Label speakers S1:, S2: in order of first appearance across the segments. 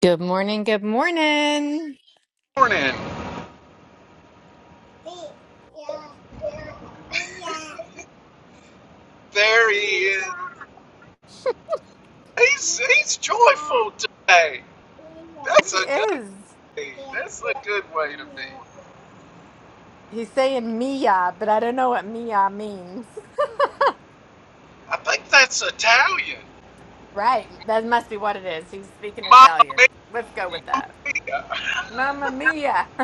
S1: Good morning. Good morning.
S2: morning. There he is. He's he's joyful today. That's
S1: He
S2: a good
S1: is.
S2: thing. That's a good way to be.
S1: He's saying Mia, but I don't know what Mia means.
S2: I think that's Italian.
S1: Right. That must be what it is. He's speaking
S2: Mom.
S1: Italian. Let's go with that. Mamma Mia.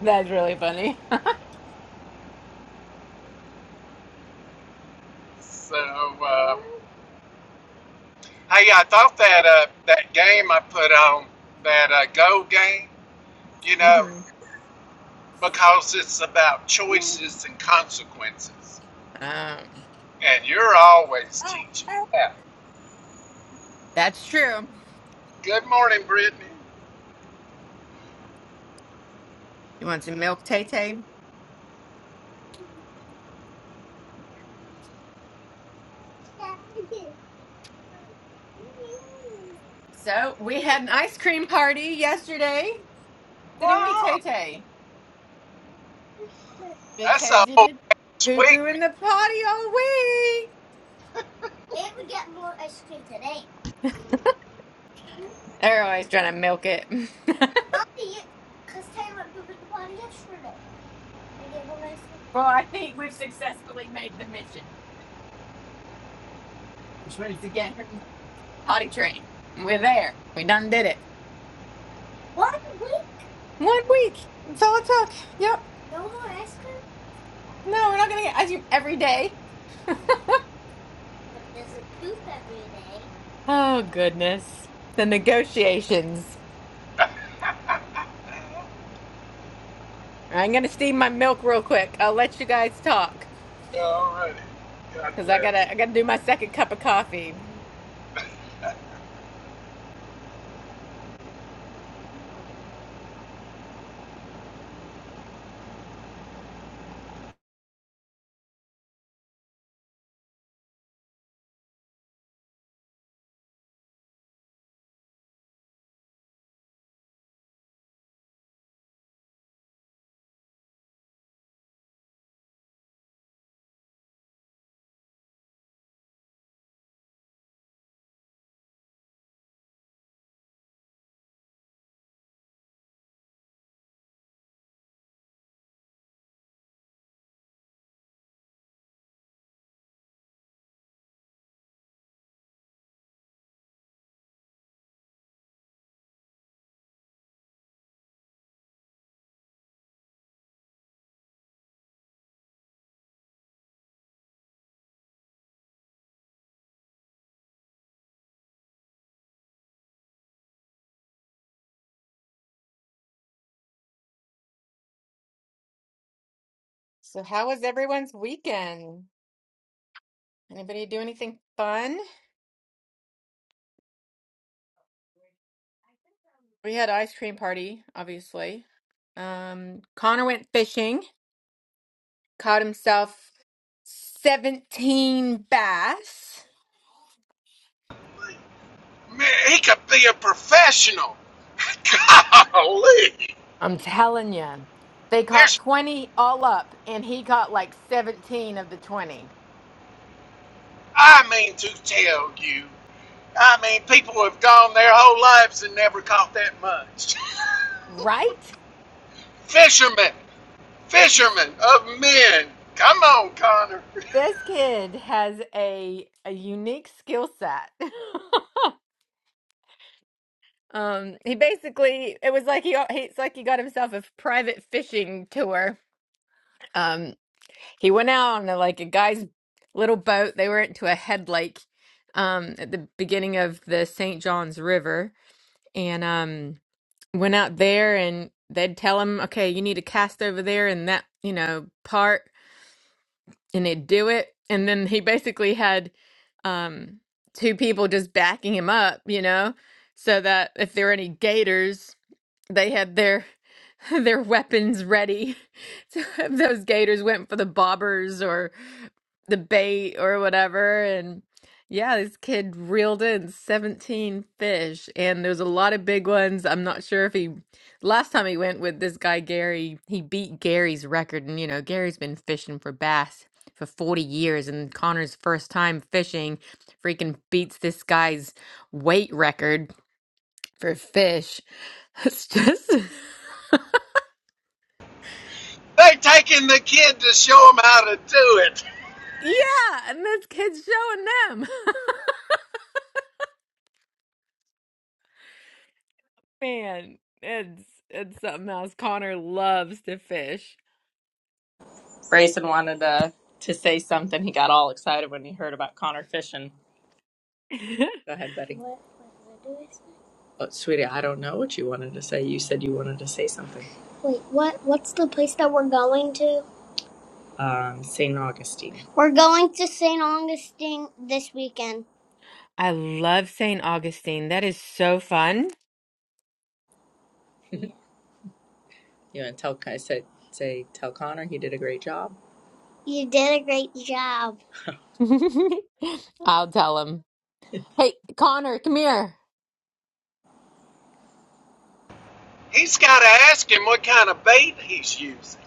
S1: That's really funny.
S2: So uh, hey, I thought that uh, that game I put on that uh, Go game, you know,
S1: hmm
S2: because it's about choices and consequences,
S1: Um,
S2: and you're always teaching. Yeah.
S1: that's true.
S2: Good morning, Brittany.
S1: You want some milk, Tay Tay? So we had an ice cream party yesterday, didn't we,
S2: Wow,
S1: Tay Tay?
S2: that's a
S1: Because you
S2: whole
S1: did poo
S2: week,
S1: poo in the potty all week. And we get more ice cream today. They're always trying to milk it. Because Taylor went poo in the potty yesterday. We get more ice cream. Well, I think we've successfully made the mission, which was to get him potty trained. We're there. We done did it. One One week. That's all it took. Yep. No more ice cream? No, we're not going to get ice cream every day. But does it poop every day? Oh, goodness. The negotiations. I'm going to steam my milk real quick. I'll let you guys talk
S2: Yeah, Alrighty. God
S1: because I got
S2: bless.
S1: to I gotta do my second cup of coffee. So, how was everyone's weekend? Anybody do anything fun? We had ice cream party, obviously. Um, Connor went fishing. caught himself 17 bass.
S2: Man, he could be a professional. Golly.
S1: I'm telling you, they caught
S2: There's,
S1: 20 all up, and he caught like 17 of the 20.
S2: I mean, to tell you, I mean, people have gone their whole lives and never caught that much.
S1: Right?
S2: Fishermen, fishermen of men. Come on, Connor.
S1: This kid has a a unique skill set. um, he basically it was like he, he it's like he got himself a private fishing tour. Um, he went out on a, like a guy's little boat. They were into a head lake um, at the beginning of the St. John's River and um went out there and they'd tell him okay you need to cast over there in that you know part and they'd do it and then he basically had um two people just backing him up you know so that if there were any gators they had their their weapons ready. So if those gators went for the bobbers or the bait or whatever. And yeah, this kid reeled in 17 fish, and there's a lot of big ones. I'm not sure if he last time he went with this guy Gary, he beat Gary's record. And you know, Gary's been fishing for bass for 40 years, and Connor's first time fishing freaking beats this guy's weight record for fish. It's just.
S2: They taking the kid to show him how to do it.
S1: Yeah, and this kid's showing them. Man, it's it's something else. Connor loves to fish.
S3: Grayson wanted to to say something. He got all excited when he heard about Connor fishing. Go ahead, Betty. What, what did I say? Oh, sweetie, I don't know what you wanted to say. You said you wanted to say something. Wait, what? What's the place that we're going to? Um, St. Augustine. We're going to St. Augustine this weekend.
S1: I love St. Augustine. That is so fun.
S3: You want to tell? I said, say, tell Connor he did a great job. You did a great job.
S1: I'll tell him. Hey, Connor, come here.
S2: He's got to ask him what kind of bait he's using.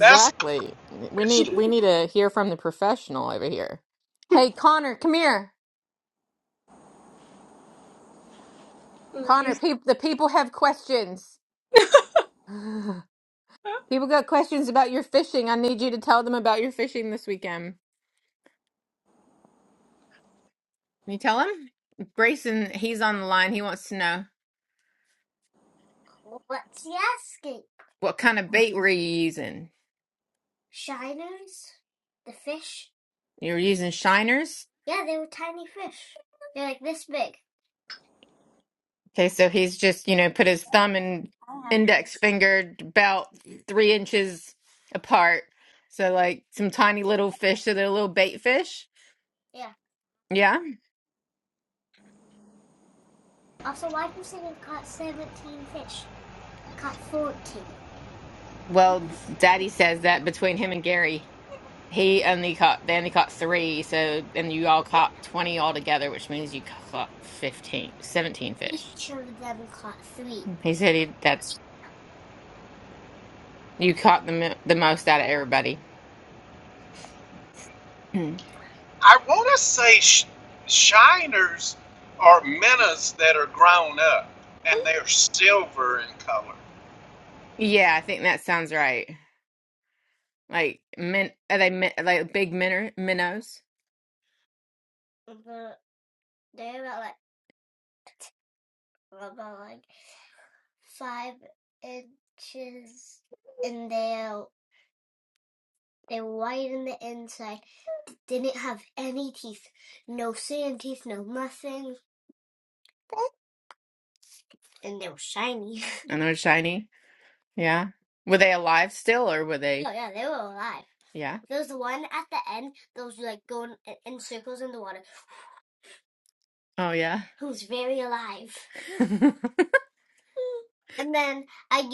S2: That's the
S1: We
S2: first.
S1: need we need to hear from the professional over here. Hey, Connor, come here. Connor,
S3: Mother's-
S1: peop the people have questions. People got questions about your fishing. I need you to tell them about your fishing this weekend. you tell him? Grayson, he's on the line. He wants to know What's he asking? what kind of bait were you using? Shiners, the fish. You were using shiners? Yeah, they They're were tiny fish. They're like this big. Okay, so he's just, you know, put his thumb and
S3: I have those.
S1: index finger about three inches apart. So, like some tiny little fish. So they're little bait fish. Yeah. Yeah. Also, why do you say caught caught seventeen fish? I caught fourteen. Well, Daddy says that between him and Gary, he only caught they only caught three. So and you all caught twenty altogether, which means you caught fifteen, seventeen fish. Each of them caught three. He said he that's you caught the mo- the most out of everybody. Mm.
S2: I want to say sh- shiners are minnows that are grown up and they're silver in color.
S1: Yeah, I think that sounds right. Like min are they min, like big minor minnows? Uh, They're about like about like five inches, and they're they're white in the inside. didn't have any teeth, no sand teeth, no nothing, and they were shiny. And they were shiny. Yeah. Were they alive still or were they? oh yeah, they were alive. Yeah. There was the one at the end that was like going in circles in the water. Oh, yeah. Who was very alive. And then I get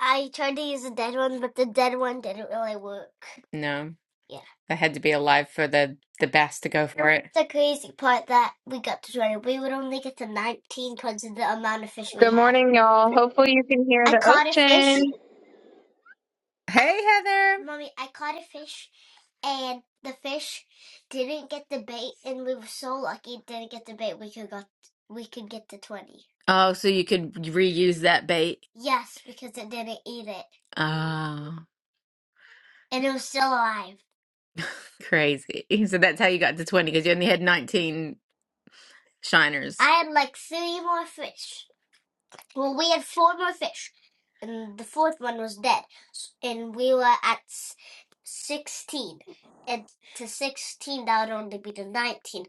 S1: I tried to use a dead one, but the dead one didn't really work. No, Yeah. they had to be alive for the the bass to go for it. The crazy part that we got to 20, we would only get to 19 because of the amount of fish we
S4: Good
S1: had.
S4: morning, y'all. Hopefully, you can hear
S1: I
S4: the
S1: caught a fish
S4: ocean.
S1: Hey, Heather. Mommy, I caught a fish and the fish didn't get the bait and we were so lucky it didn't get the bait we could got we could get the twenty. Oh, so you could reuse that bait? Yes, because it didn't eat it. Oh, And it was still alive. crazy. So that's how you got to 20 because you only had 19 shiners. I had like three more fish. Well, we had four more fish, and the fourth one was dead, S- and we were at s- sixteen, and to sixteen that would only be to nineteen,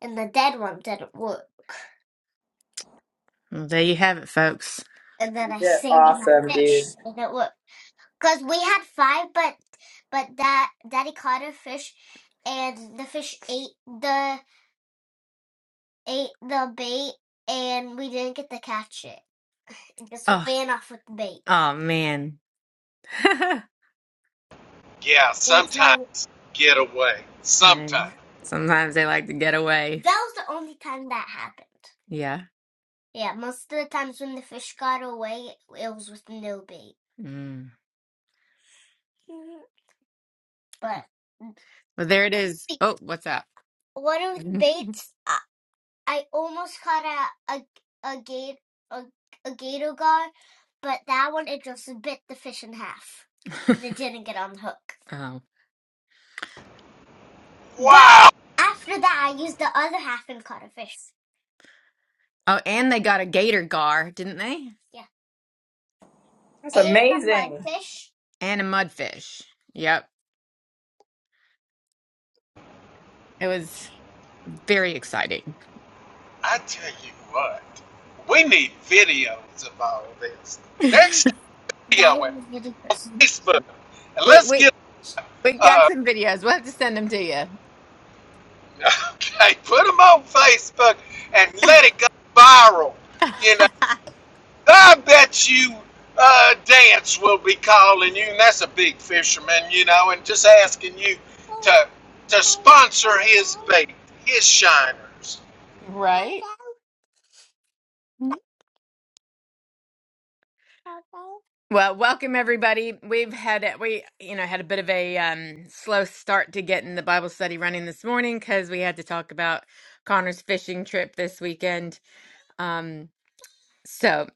S1: and the dead one didn't work. Well, there you have it, folks. And then
S3: You
S1: I
S3: did
S1: saved that
S3: awesome, dude.
S1: fish, and it worked because we had five, but but that Daddy caught a fish, and the fish ate the ate the bait, and we didn't get to catch it. It just Oh, ran off with the bait. oh man. That's
S2: Yeah,
S1: my.
S2: sometimes get away.
S1: And
S2: Sometimes.
S1: sometimes they like to get away. That was the only time that happened. Yeah. Yeah, most of the times when the fish got away, it was with no bait. Mm. Mhm. But Well, there it is. Oh, what's up? one of the baits, I, I almost caught a a a gate a, a gator guard, but that one it just bit the fish in half, and it didn't get on the hook. Oh. But
S2: Wow!
S1: after that, I used the other half and caught a fish. Oh, and they got a gator gar, didn't they? Yeah.
S3: That's
S1: And a
S3: amazing.
S1: mudfish. And a mudfish. Yep. It was very exciting.
S2: I tell you what, we need videos of all this. Next video
S1: That
S2: and
S1: is really person.
S2: Facebook. And
S1: wait,
S2: let's
S1: wait.
S2: get,
S1: We got
S2: uh,
S1: some videos. We'll have to send them to you.
S2: okay, put them on Facebook and let it go viral. You know. I bet you uh, Dance will be calling you, and that's a big fisherman, you know, and just asking you to to sponsor his bait, his shiners.
S1: right? Well, welcome everybody. We've had a- we you know had a bit of a um, slow start to getting the Bible study running this morning because we had to talk about Connor's fishing trip this weekend. Um, so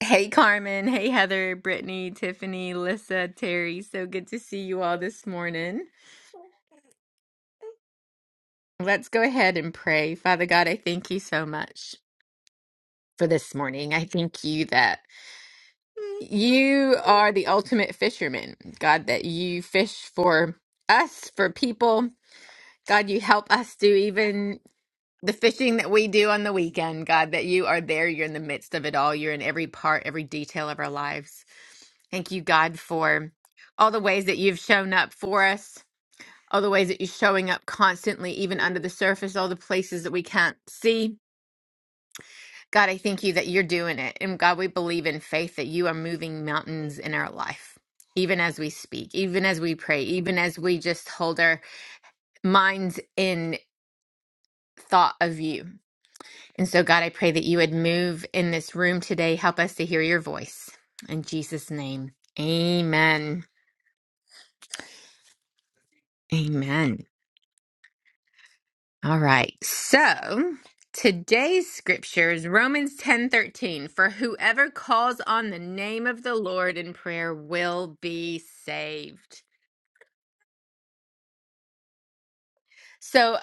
S1: hey Carmen, hey Heather, Brittany, Tiffany, Lissa, Terry, so good to see you all this morning. Let's go ahead and pray. Father God, I thank you so much for this morning. I thank you that you are the ultimate fisherman. God, that you fish for us, for people. God, you help us to even the fishing that we do on the weekend, God, that you are there. You're in the midst of it all. You're in every part, every detail of our lives. Thank you, God, for all the ways that you've shown up for us, all the ways that you're showing up constantly, even under the surface, all the places that we can't see. God, I thank you that you're doing it. And God, we believe in faith that you are moving mountains in our life. Even as we speak, even as we pray, even as we just hold our minds in thought of you. And so, God, I pray that you would move in this room today. Help us to hear your voice. In Jesus' name, amen. Amen. All right. So today's scripture is Romans ten thirteen. For whoever calls on the name of the Lord in prayer will be saved. So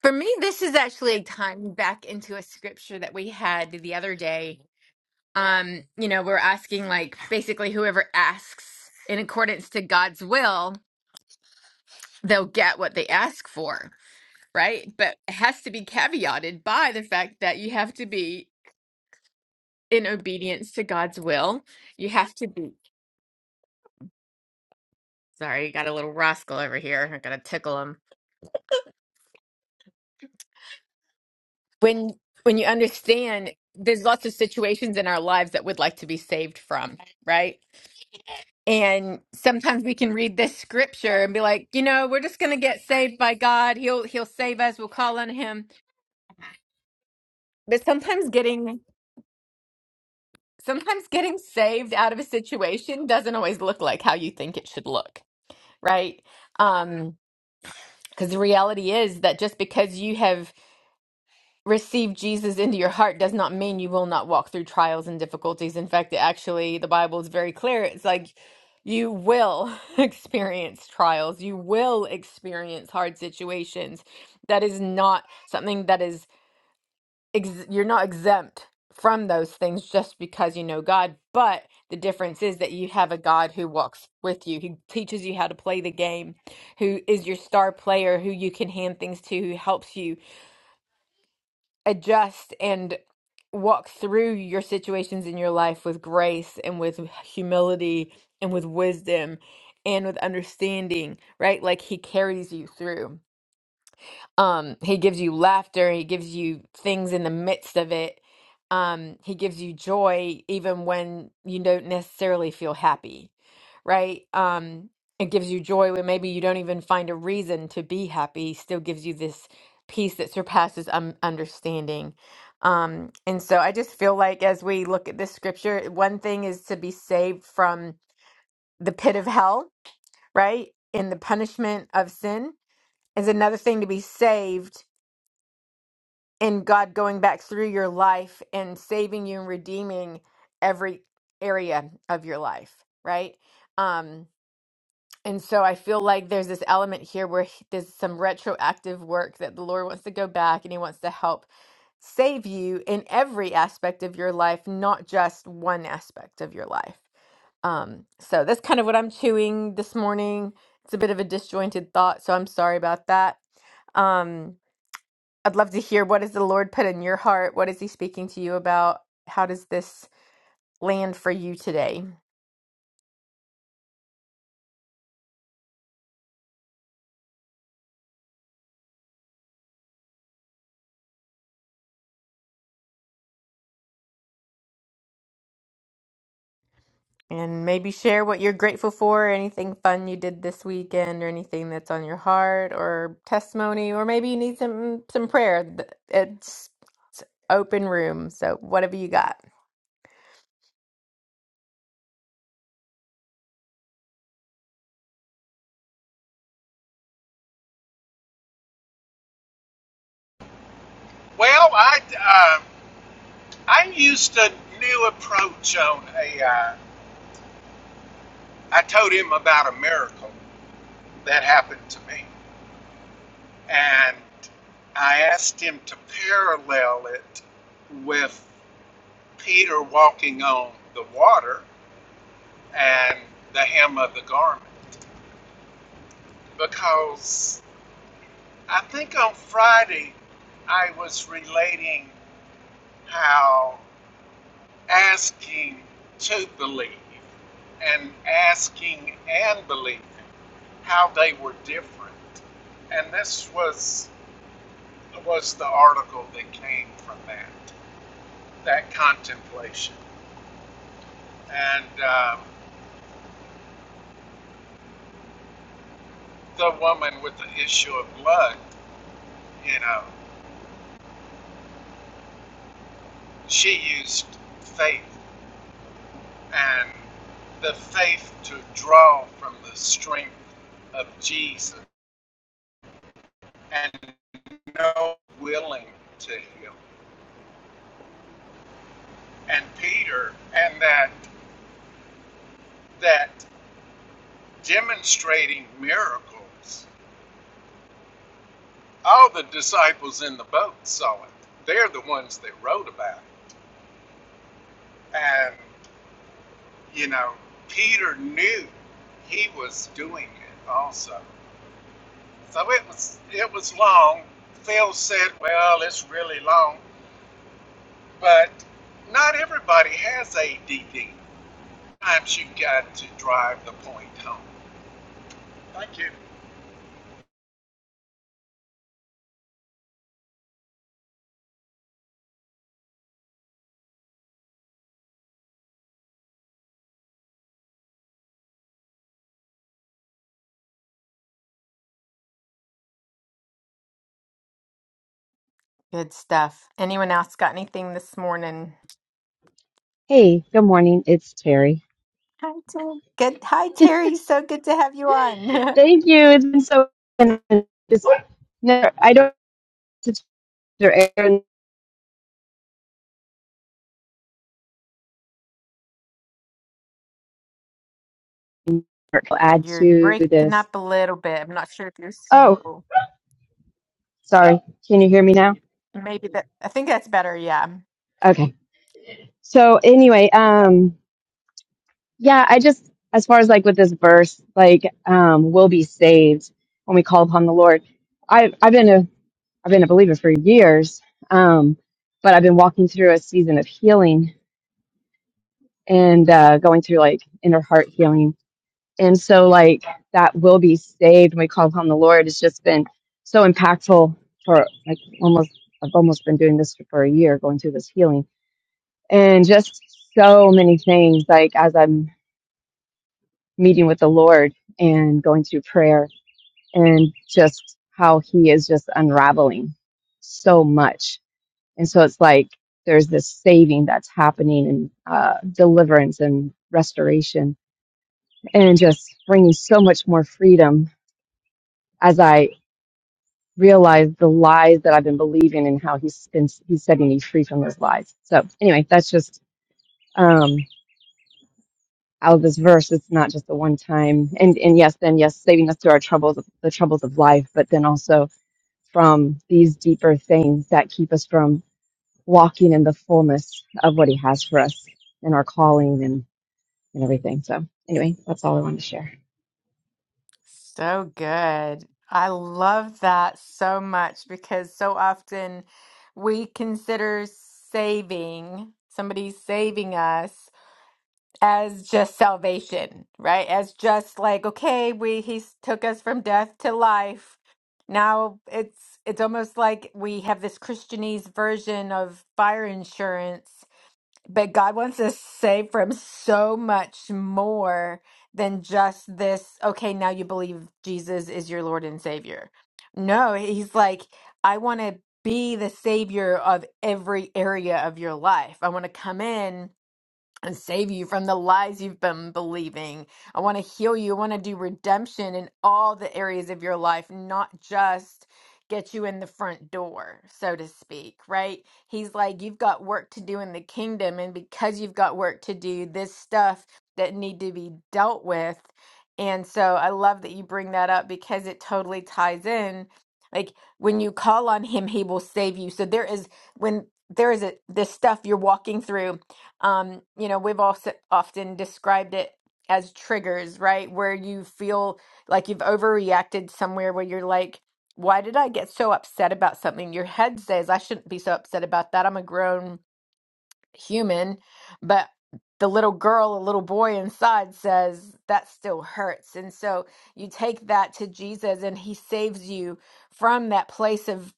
S1: for me, this is actually tying back into a scripture that we had the other day um you know we're asking like basically whoever asks in accordance to god's will they'll get what they ask for, right? But it has to be caveated by the fact that you have to be in obedience to God's will. You have to be. Sorry, got a little rascal over here. I gotta tickle him. When when you understand, there's lots of situations in our lives that we'd like to be saved from, right? And sometimes we can read this scripture and be like, you know, we're just gonna get saved by God. He'll he'll save us. We'll call on him. But sometimes getting sometimes getting saved out of a situation doesn't always look like how you think it should look, right? Um, because the reality is that just because you have received Jesus into your heart does not mean you will not walk through trials and difficulties. In fact, actually, the Bible is very clear. It's like you will experience trials, you will experience hard situations. That is not something that is ex- you're not exempt from those things just because you know God, but the difference is that you have a God who walks with you, who teaches you how to play the game, who is your star player, who you can hand things to, who helps you adjust and walk through your situations in your life with grace and with humility and with wisdom and with understanding, right? Like he carries you through. Um, he gives you laughter, he gives you things in the midst of it. Um, he gives you joy even when you don't necessarily feel happy, right? Um, it gives you joy when maybe you don't even find a reason to be happy. He still gives you this peace that surpasses um, understanding. Um, and so I just feel like as we look at this scripture, one thing is to be saved from the pit of hell, right? And the punishment of sin is another thing to be saved and God going back through your life and saving you and redeeming every area of your life, right? Um, and so I feel like there's this element here where he- there's some retroactive work that the Lord wants to go back and He wants to help save you in every aspect of your life, not just one aspect of your life. Um, so that's kind of what I'm chewing this morning. It's a bit of a disjointed thought, so I'm sorry about that. Um, I'd love to hear what has the Lord put in your heart? What is he speaking to you about? How does this land for you today? And maybe share what you're grateful for, anything fun you did this weekend or anything that's on your heart or testimony or maybe you need some some prayer. Th- It's, it's open room, so whatever you got.
S2: Well, I uh, I used a new approach on AI. told him about a miracle that happened to me, and I asked him to parallel it with Peter walking on the water and the hem of the garment. because I think on Friday I was relating how asking to believe and asking and believing how they were different, and this was was the article that came from that that contemplation and um, the woman with the issue of blood, you know, she used faith and the faith to draw from the strength of Jesus and know willing to heal. And Peter and that that demonstrating miracles. All the disciples in the boat saw it. They're the ones that wrote about it. And you know, Peter knew he was doing it also. So it was it was long. Phil said, Well, it's really long. But not everybody has ADD. Sometimes you have got to drive the point home. Thank you.
S1: Good stuff. Anyone else got anything this morning?
S5: Hey, good morning. It's Terry.
S1: Hi, Terry. Good. Hi, Terry. So good to have you on.
S5: Thank you. It's been so and just no, I don't or Aaron will add
S1: you're
S5: to
S1: breaking
S5: this.
S1: up a little bit. I'm not sure if you're
S5: Oh,
S1: single.
S5: sorry. Can you hear me now?
S1: Maybe that, I think that's better. Yeah.
S5: Okay. So anyway, um yeah, I just as far as like with this verse, like um we'll be saved when we call upon the Lord. I I've been a I've been a believer for years. Um but I've been walking through a season of healing and uh going through like inner heart healing And so, like, that will be saved when we call upon the Lord. It's just been so impactful for like almost, I've almost been doing this for a year, going through this healing and just so many things. Like, as I'm meeting with the Lord and going through prayer and just how He is just unraveling so much. And so, it's like there's this saving that's happening and uh, deliverance and restoration and just bringing so much more freedom as I realize the lies that I've been believing and how he's been he's setting me free from those lies. So anyway, that's just um out of this verse. It's not just a one time and and yes, then yes, saving us through our troubles the troubles of life, but then also from these deeper things that keep us from walking in the fullness of what he has for us and our calling and, and everything. So anyway, that's all I wanted to share.
S1: So good. I love that so much because so often we consider saving, somebody saving us. as just salvation, right? As just like, okay, we he took us from death to life. Now it's it's almost like we have this Christianese version of fire insurance, but God wants us saved from so much more than just this, okay, now you believe Jesus is your Lord and Savior. No, he's like, I want to be the savior of every area of your life. I want to come in and save you from the lies you've been believing. I want to heal you. I want to do redemption in all the areas of your life, not just get you in the front door, so to speak, right? He's like, you've got work to do in the kingdom. And because you've got work to do, this stuff that need to be dealt with. And so I love that you bring that up because it totally ties in. Like when you call on him, he will save you. So there is, when there is a, this stuff you're walking through um, you know, we've also often described it as triggers, right? Where you feel like you've overreacted somewhere where you're like, why did I get so upset about something? Your head says, I shouldn't be so upset about that. I'm a grown human. But the little girl, a little boy inside says, that still hurts. And so you take that to Jesus and he saves you from that place of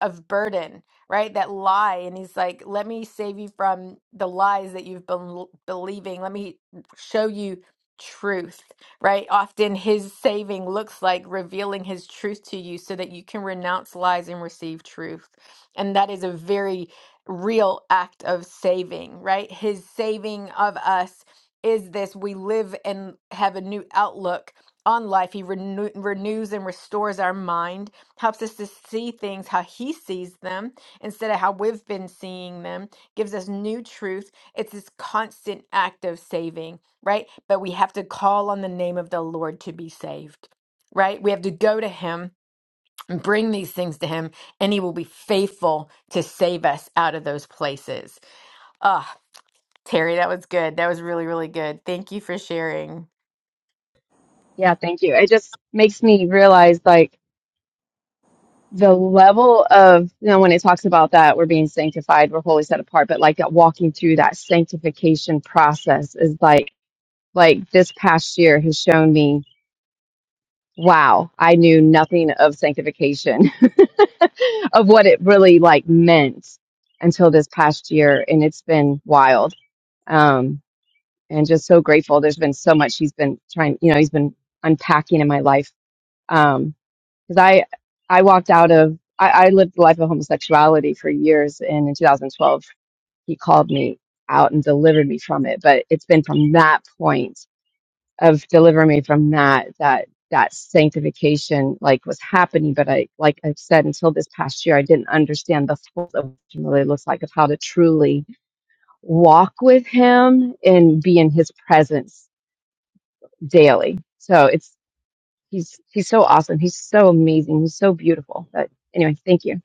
S1: of burden, right? That lie. And he's like, let me save you from the lies that you've been l- believing. Let me show you truth, right? Often his saving looks like revealing his truth to you so that you can renounce lies and receive truth. And that is a very real act of saving, right? His saving of us is this we live and have a new outlook on life. He renew- renews and restores our mind helps us to see things how he sees them instead of how we've been seeing them gives us new truth it's this constant act of saving right but we have to call on the name of the lord to be saved right we have to go to him and bring these things to him and he will be faithful to save us out of those places ah terry that was good that was really really good thank you for sharing
S5: Yeah, thank you. It just makes me realize like the level of, you know, when it talks about that we're being sanctified, we're wholly set apart, but like that walking through that sanctification process is like, like this past year has shown me Wow, I knew nothing of sanctification, of what it really like meant until this past year, and it's been wild. Um, and just so grateful. There's been so much he's been trying, you know, he's been unpacking in my life. Um, because I, I walked out of, I, I lived the life of homosexuality for years, and in 2012 he called me out and delivered me from it. But it's been from that point of deliver me from that that that sanctification like was happening but i like i've said until this past year i didn't understand the full of what it really looks like of how to truly walk with him and be in his presence daily so it's he's he's so awesome he's so amazing he's so beautiful but anyway thank you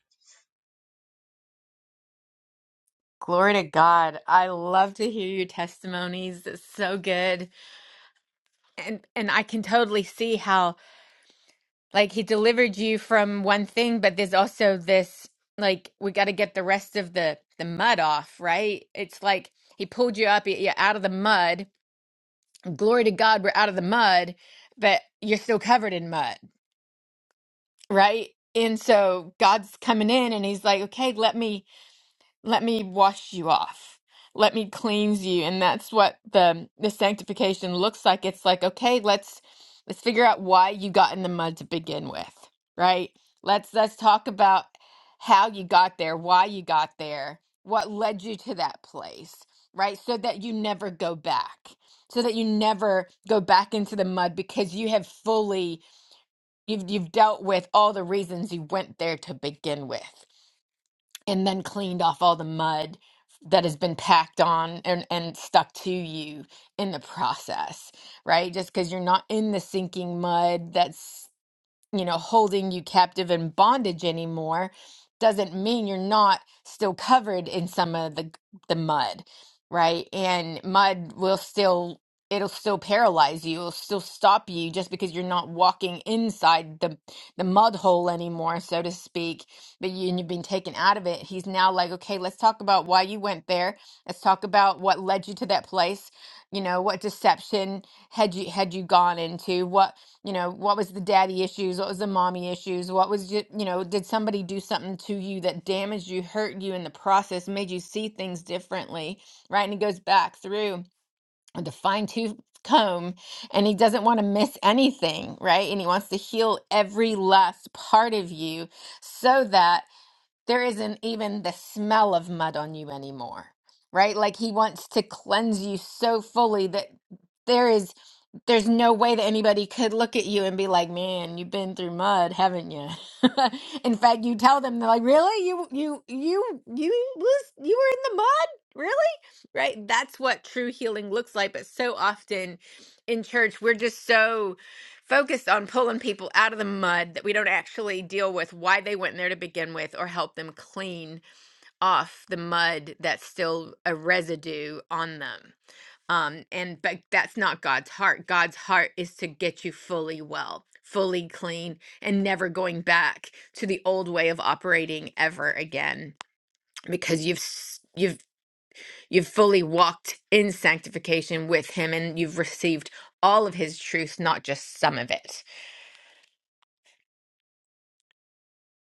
S1: glory to god i love to hear your testimonies it's so good and and I can totally see how like he delivered you from one thing, but there's also this like we got to get the rest of the the mud off, right? It's like he pulled you up, y- you're out of the mud. Glory to God, we're out of the mud, but you're still covered in mud, right? And so God's coming in and he's like, "Okay, let me let me wash you off let me cleanse you and that's what the the sanctification looks like it's like okay let's let's figure out why you got in the mud to begin with right let's let's talk about how you got there why you got there what led you to that place right so that you never go back so that you never go back into the mud because you have fully you've you've dealt with all the reasons you went there to begin with and then cleaned off all the mud that has been packed on and, and stuck to you in the process, right? Just because you're not in the sinking mud that's you know, holding you captive in bondage anymore doesn't mean you're not still covered in some of the the mud, right? And mud will still it'll still paralyze you, it'll still stop you just because you're not walking inside the the mud hole anymore, so to speak, but you, and you've been taken out of it. He's now like, "Okay, let's talk about why you went there. Let's talk about what led you to that place. You know, what deception had you had you gone into? What you know what was the daddy issues what was the mommy issues what was you you know did somebody do something to you that damaged you hurt you in the process made you see things differently right and he goes back through with a fine tooth comb and he doesn't want to miss anything right and he wants to heal every last part of you so that there isn't even the smell of mud on you anymore, right? Like he wants to cleanse you so fully that there is there's no way that anybody could look at you and be like, "Man, you've been through mud, haven't you?" in fact, you tell them they're like, "Really? You you you you was you were in the mud? Really?" Right? That's what true healing looks like, but so often in church, we're just so focused on pulling people out of the mud that we don't actually deal with why they went in there to begin with or help them clean off the mud that's still a residue on them um and but that's not god's heart god's heart is to get you fully well fully clean and never going back to the old way of operating ever again because you've s- you've you've fully walked in sanctification with him and you've received all of his truth not just some of it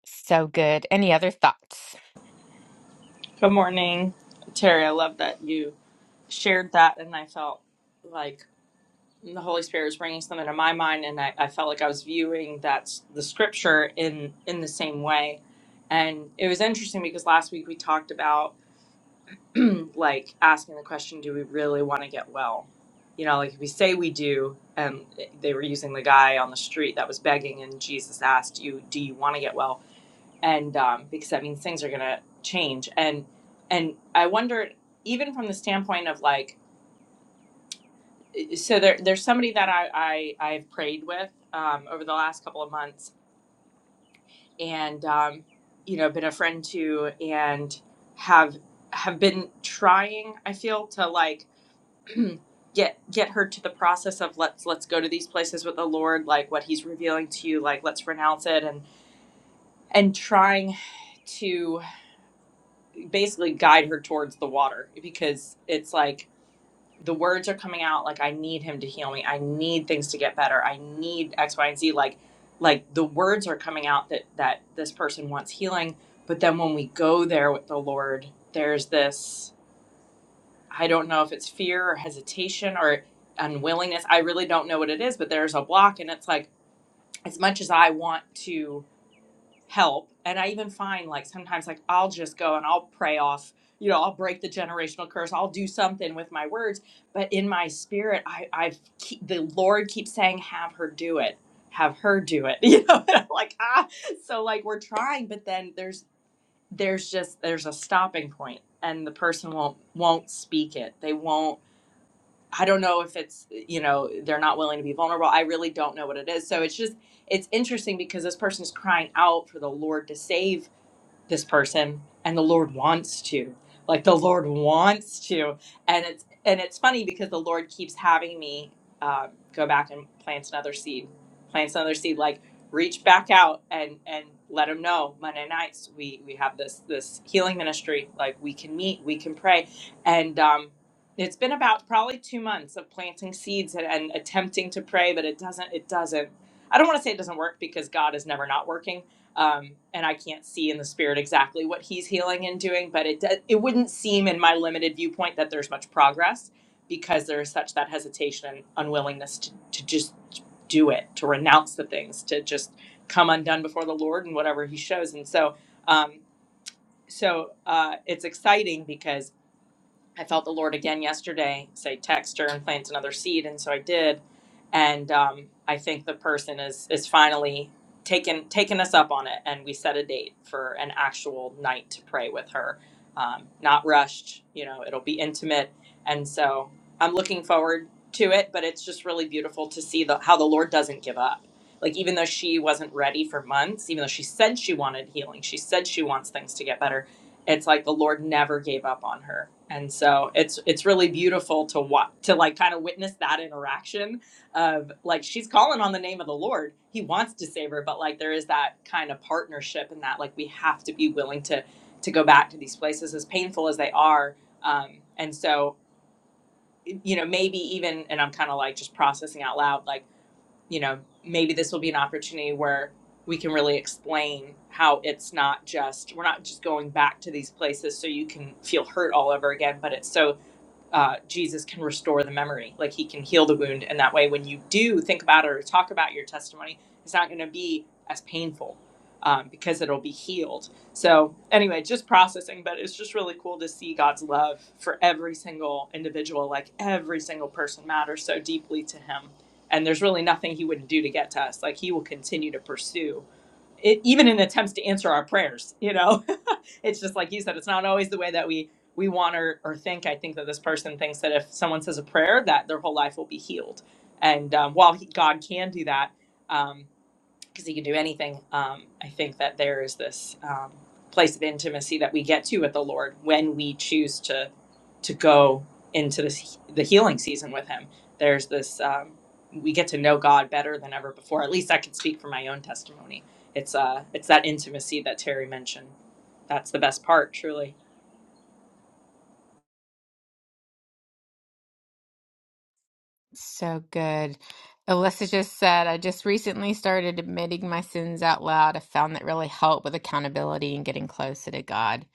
S1: So good. Any other thoughts?
S3: Good morning, Terry. I love that you shared that, and I felt like the Holy Spirit was bringing something to my mind, and I, I felt like I was viewing that s- the scripture in in the same way. And it was interesting because last week we talked about like asking the question, "Do we really want to get well?" You know, like if we say we do, and they were using the guy on the street that was begging, and Jesus asked you, "Do you want to get well?" and um, because that means things are going to change and and i wonder even from the standpoint of like so there, there's somebody that I, I i've prayed with um, over the last couple of months and um, you know been a friend to and have have been trying i feel to like get get her to the process of let's let's go to these places with the lord like what he's revealing to you like let's renounce it and and trying to basically guide her towards the water because it's like the words are coming out like I need him to heal me. I need things to get better. I need X, Y, and Z. Like like the words are coming out that that this person wants healing. But then when we go there with the Lord, there's this I don't know if it's fear or hesitation or unwillingness. I really don't know what it is, but there's a block and it's like as much as I want to help. And I even find like sometimes like I'll just go and I'll pray off, you know, I'll break the generational curse. I'll do something with my words, but in my spirit, I I keep, the Lord keeps saying, "Have her do it. Have her do it." You know, and I'm like ah. So like we're trying, but then there's there's just there's a stopping point, and the person won't won't speak it. They won't I don't know if it's, you know, they're not willing to be vulnerable. I really don't know what it is. So it's just, it's interesting because this person is crying out for the Lord to save this person and the lord wants to like the lord wants to and it's and it's funny because the lord keeps having me uh, go back and plant another seed plants another seed like reach back out and and let them know monday nights we we have this this healing ministry like we can meet we can pray and um it's been about probably two months of planting seeds and, and attempting to pray but it doesn't it doesn't i don't want to say it doesn't work because god is never not working um, and I can't see in the spirit exactly what he's healing and doing, but it do- it wouldn't seem in my limited viewpoint that there's much progress because there is such that hesitation and unwillingness to, to just do it, to renounce the things, to just come undone before the Lord and whatever He shows. And so, um, so uh, it's exciting because I felt the Lord again yesterday say text her and plant another seed, and so I did. And um, I think the person is is finally taken taken us up on it, and we set a date for an actual night to pray with her. Um, not rushed, you know. It'll be intimate, and so I'm looking forward to it. But it's just really beautiful to see the, how the Lord doesn't give up. Like even though she wasn't ready for months, even though she said she wanted healing, she said she wants things to get better it's like the Lord never gave up on her. And so it's it's really beautiful to watch to like kind of witness that interaction of like she's calling on the name of the Lord. He wants to save her, but like there is that kind of partnership and that like we have to be willing to to go back to these places as painful as they are. Um, and so you know maybe even and I'm kind of like just processing out loud like you know, maybe this will be an opportunity where we can really explain how it's not just, we're not just going back to these places so you can feel hurt all over again, but it's so uh, Jesus can restore the memory. Like he can heal the wound. And that way, when you do think about it or talk about your testimony, it's not going to be as painful um, because it'll be healed. So, anyway, just processing, but it's just really cool to see God's love for every single individual. Like every single person matters so deeply to him. And there's really nothing he wouldn't do to get to us. Like he will continue to pursue it, even in attempts to answer our prayers, you know? it's just like you said, it's not always the way that we we want or, or think. I think that this person thinks that if someone says a prayer, that their whole life will be healed. And um, while he, God can do that, um, because he can do anything. Um, I think that there is this um, place of intimacy that we get to with the Lord when we choose to to go into this the healing season with Him. There's this um, we get to know God better than ever before. At least I can speak from my own testimony. It's uh it's that intimacy that Terry mentioned. That's the best part, truly.
S1: So good. Alyssa just said, I just recently started admitting my sins out loud. I found that really helped with accountability and getting closer to God.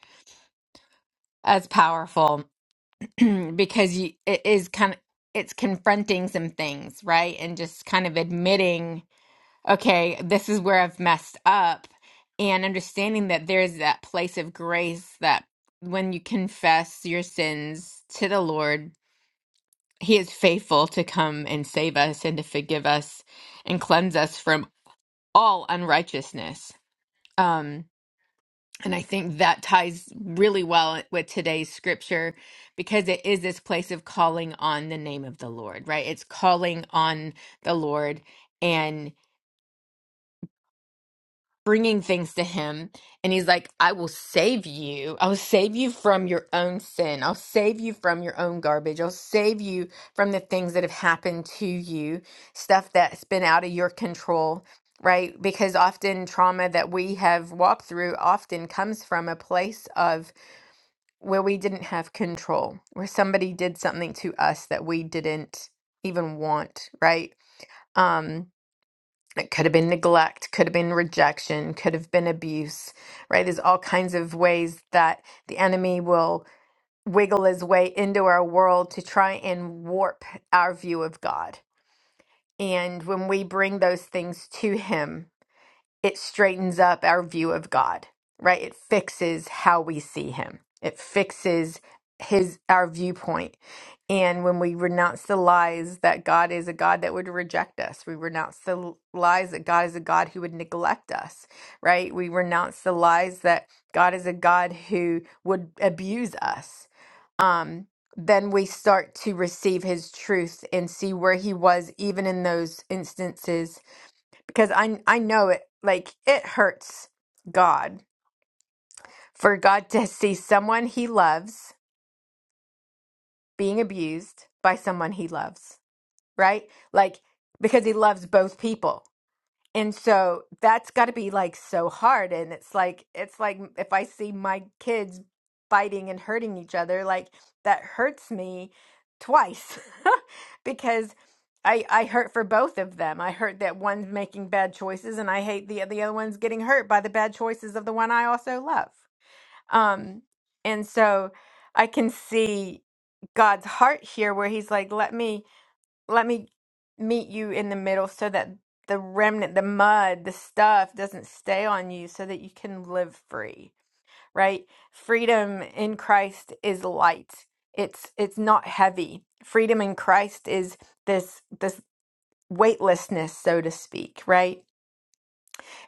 S1: That's powerful. because you it is kind of it's confronting some things, right? And just kind of admitting, okay, this is where I've messed up and understanding that there's that place of grace that when you confess your sins to the Lord, he is faithful to come and save us and to forgive us and cleanse us from all unrighteousness. Um and I think that ties really well with today's scripture because it is this place of calling on the name of the Lord, right? It's calling on the Lord and bringing things to Him. And He's like, I will save you. I'll save you from your own sin. I'll save you from your own garbage. I'll save you from the things that have happened to you, stuff that's been out of your control right? Because often trauma that we have walked through often comes from a place of where we didn't have control, where somebody did something to us that we didn't even want, right? Um, it could have been neglect, could have been rejection, could have been abuse, right? There's all kinds of ways that the enemy will wiggle his way into our world to try and warp our view of God. And when we bring those things to him, it straightens up our view of God, right? It fixes how we see him. It fixes his our viewpoint. And when we renounce the lies that God is a God that would reject us, we renounce the lies that God is a God who would neglect us, right? We renounce the lies that God is a God who would abuse us. Um, then we start to receive his truth and see where he was even in those instances because I I know it like it hurts God for God to see someone he loves being abused by someone he loves, right? Like because he loves both people. And so that's got to be like so hard. And it's like, it's like if I see my kids fighting and hurting each other, like that hurts me twice because I I hurt for both of them. I hurt that one's making bad choices and I hate the the other one's getting hurt by the bad choices of the one I also love. Um, and so I can see God's heart here where he's like, let me let me meet you in the middle so that the remnant, the mud, the stuff doesn't stay on you so that you can live free, right? Freedom in Christ is light. It's it's not heavy. Freedom in Christ is this this weightlessness, so to speak, right?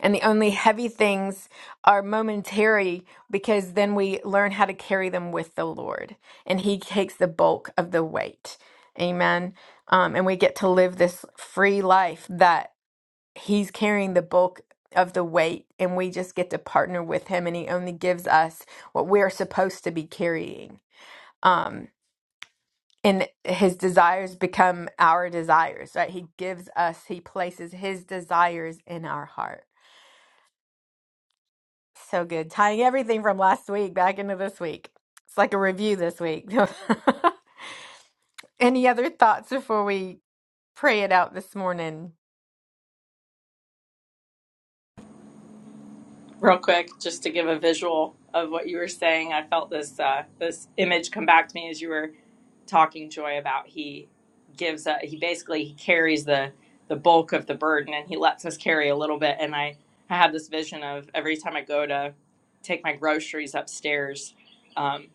S1: And the only heavy things are momentary because then we learn how to carry them with the Lord and He takes the bulk of the weight. Amen. Um, and we get to live this free life that He's carrying the bulk of the weight and we just get to partner with Him and He only gives us what we're supposed to be carrying. Um, and his desires become our desires, right? He gives us, he places his desires in our heart. So good. Tying everything from last week back into this week. It's like a review this week. Any other thoughts before we pray it out this morning?
S3: Real quick, just to give a visual of what you were saying, I felt this uh, this image come back to me as you were talking joy about he gives a, he basically he carries the the bulk of the burden and he lets us carry a little bit and i i have this vision of every time i go to take my groceries upstairs um,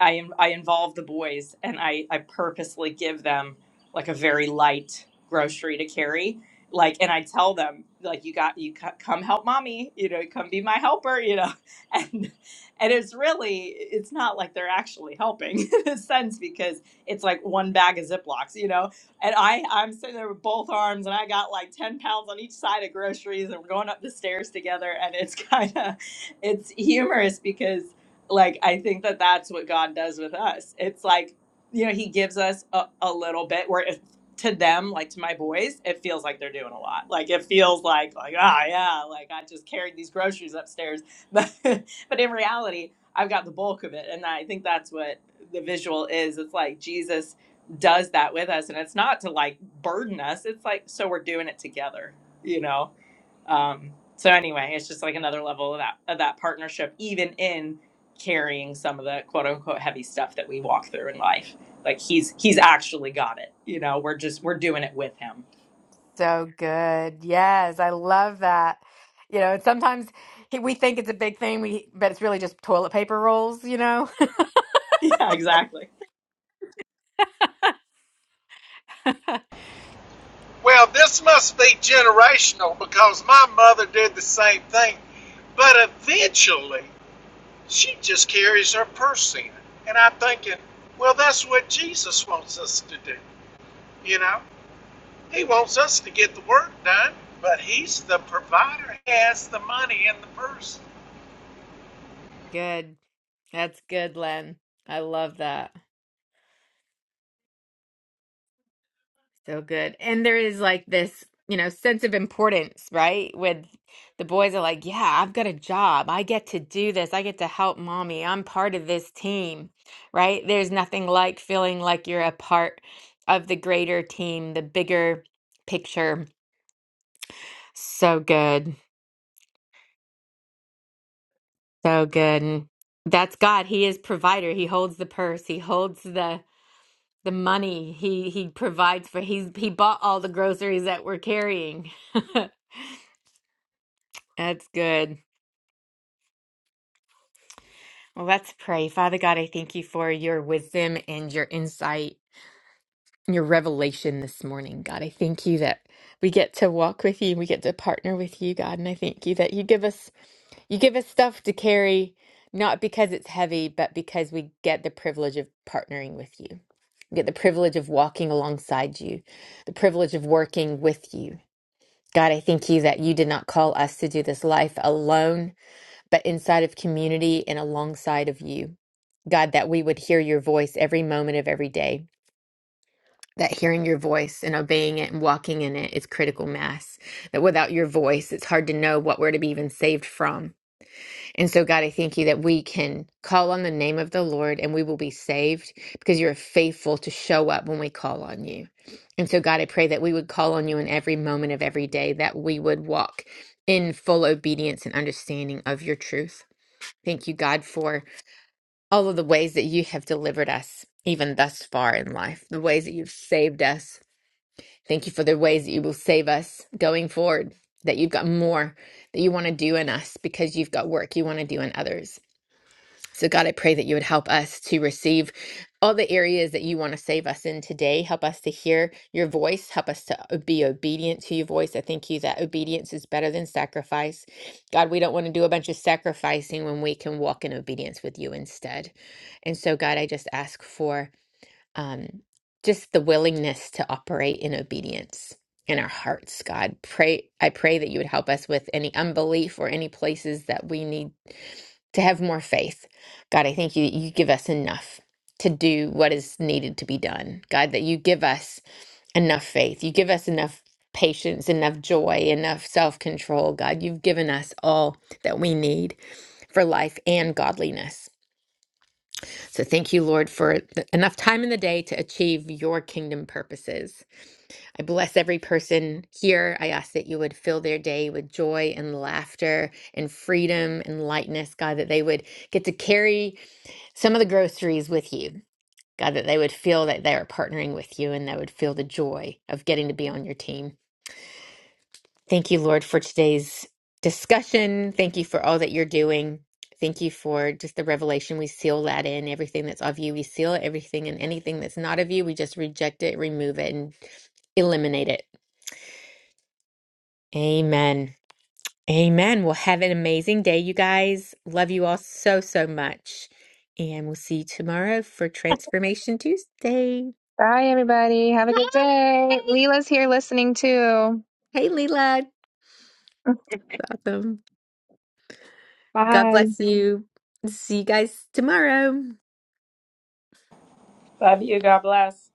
S3: i i involve the boys and i i purposely give them like a very light grocery to carry like and i tell them like you got you c- come help mommy you know come be my helper you know and and it's really it's not like they're actually helping in a sense because it's like one bag of Ziplocs, you know. And I, I'm sitting there with both arms, and I got like ten pounds on each side of groceries, and we're going up the stairs together, and it's kind of, it's humorous because, like, I think that that's what God does with us. It's like, you know, He gives us a, a little bit where if to them, like to my boys, it feels like they're doing a lot. Like it feels like, like ah, yeah, like I just carried these groceries upstairs, but but in reality, I've got the bulk of it, and I think that's what the visual is it's like jesus does that with us and it's not to like burden us it's like so we're doing it together you know um so anyway it's just like another level of that of that partnership even in carrying some of the quote unquote heavy stuff that we walk through in life like he's he's actually got it you know we're just we're doing it with him
S1: So good. Yes, I love that. You know, and sometimes he- we think it's a big thing, we but it's really just toilet paper rolls, you know?
S3: yeah exactly
S2: Well, this must be generational because my mother did the same thing. But eventually, she just carries her purse in. And I'm thinking, well, that's what Jesus wants us to do. You know, He wants us to get the work done, but He's the provider, He has the money in the purse.
S1: Good. That's good, Len. I love that. So good. And there is like this, you know, sense of importance, right? With the boys are like, yeah, I've got a job. I get to do this. I get to help mommy. I'm part of this team, right? There's nothing like feeling like you're a part of the greater team, the bigger picture. So good. So good. And that's God. He is provider. He holds the purse. He holds the the money. He he provides for he's he bought all the groceries that we're carrying. That's good. Well, let's pray. Father God, I thank you for your wisdom and your insight, and your revelation this morning. God, I thank you that we get to walk with you and we get to partner with you, God. And I thank you that you give us you give us stuff to carry, not because it's heavy, but because we get the privilege of partnering with you. We get the privilege of walking alongside you, the privilege of working with you. God, I thank you that you did not call us to do this life alone, but inside of community and alongside of you. God, that we would hear your voice every moment of every day. That hearing your voice and obeying it and walking in it is critical mass. That without your voice, it's hard to know what we're to be even saved from. And so, God, I thank you that we can call on the name of the Lord and we will be saved because you're faithful to show up when we call on you. And so, God, I pray that we would call on you in every moment of every day, that we would walk in full obedience and understanding of your truth. Thank you, God, for all of the ways that you have delivered us, even thus far in life, the ways that you've saved us. Thank you for the ways that you will save us going forward, that you've got more that you want to do in us because you've got work you want to do in others. So, God, I pray that you would help us to receive all the areas that you want to save us in today. Help us to hear your voice. Help us to uh, be obedient to your voice. I thank you that obedience is better than sacrifice. God, we don't want to do a bunch of sacrificing when we can walk in obedience with you instead. And so, God, I just ask for um, just the willingness to operate in obedience in our hearts god pray i pray that you would help us with any unbelief or any places that we need to have more faith. God, I thank you that you give us enough to do what is needed to be done. God, that you give us enough faith. You give us enough patience, enough joy, enough self control. God, you've given us all that we need for life and godliness. So thank you, Lord, for th- enough time in the day to achieve your kingdom purposes. I bless every person here. I ask that you would fill their day with joy and laughter and freedom and lightness, God, that they would get to carry some of the groceries with you. God, that they would feel that they are partnering with you and they would feel the joy of getting to be on your team. Thank you, Lord, for today's discussion. Thank you for all that you're doing. Thank you for just the revelation. We seal that in everything that's of you. We seal it. everything and anything that's not of you. We just reject it, remove it, and eliminate it. Amen. Amen. Well, have an amazing day, you guys. Love you all so, so much. And we'll see you tomorrow for Transformation Tuesday.
S4: Bye, everybody. Have a good day. Leela's here listening too.
S1: Hey, Leela. Awesome. God
S5: bye
S1: bless you. See you guys tomorrow.
S3: Love you. God bless.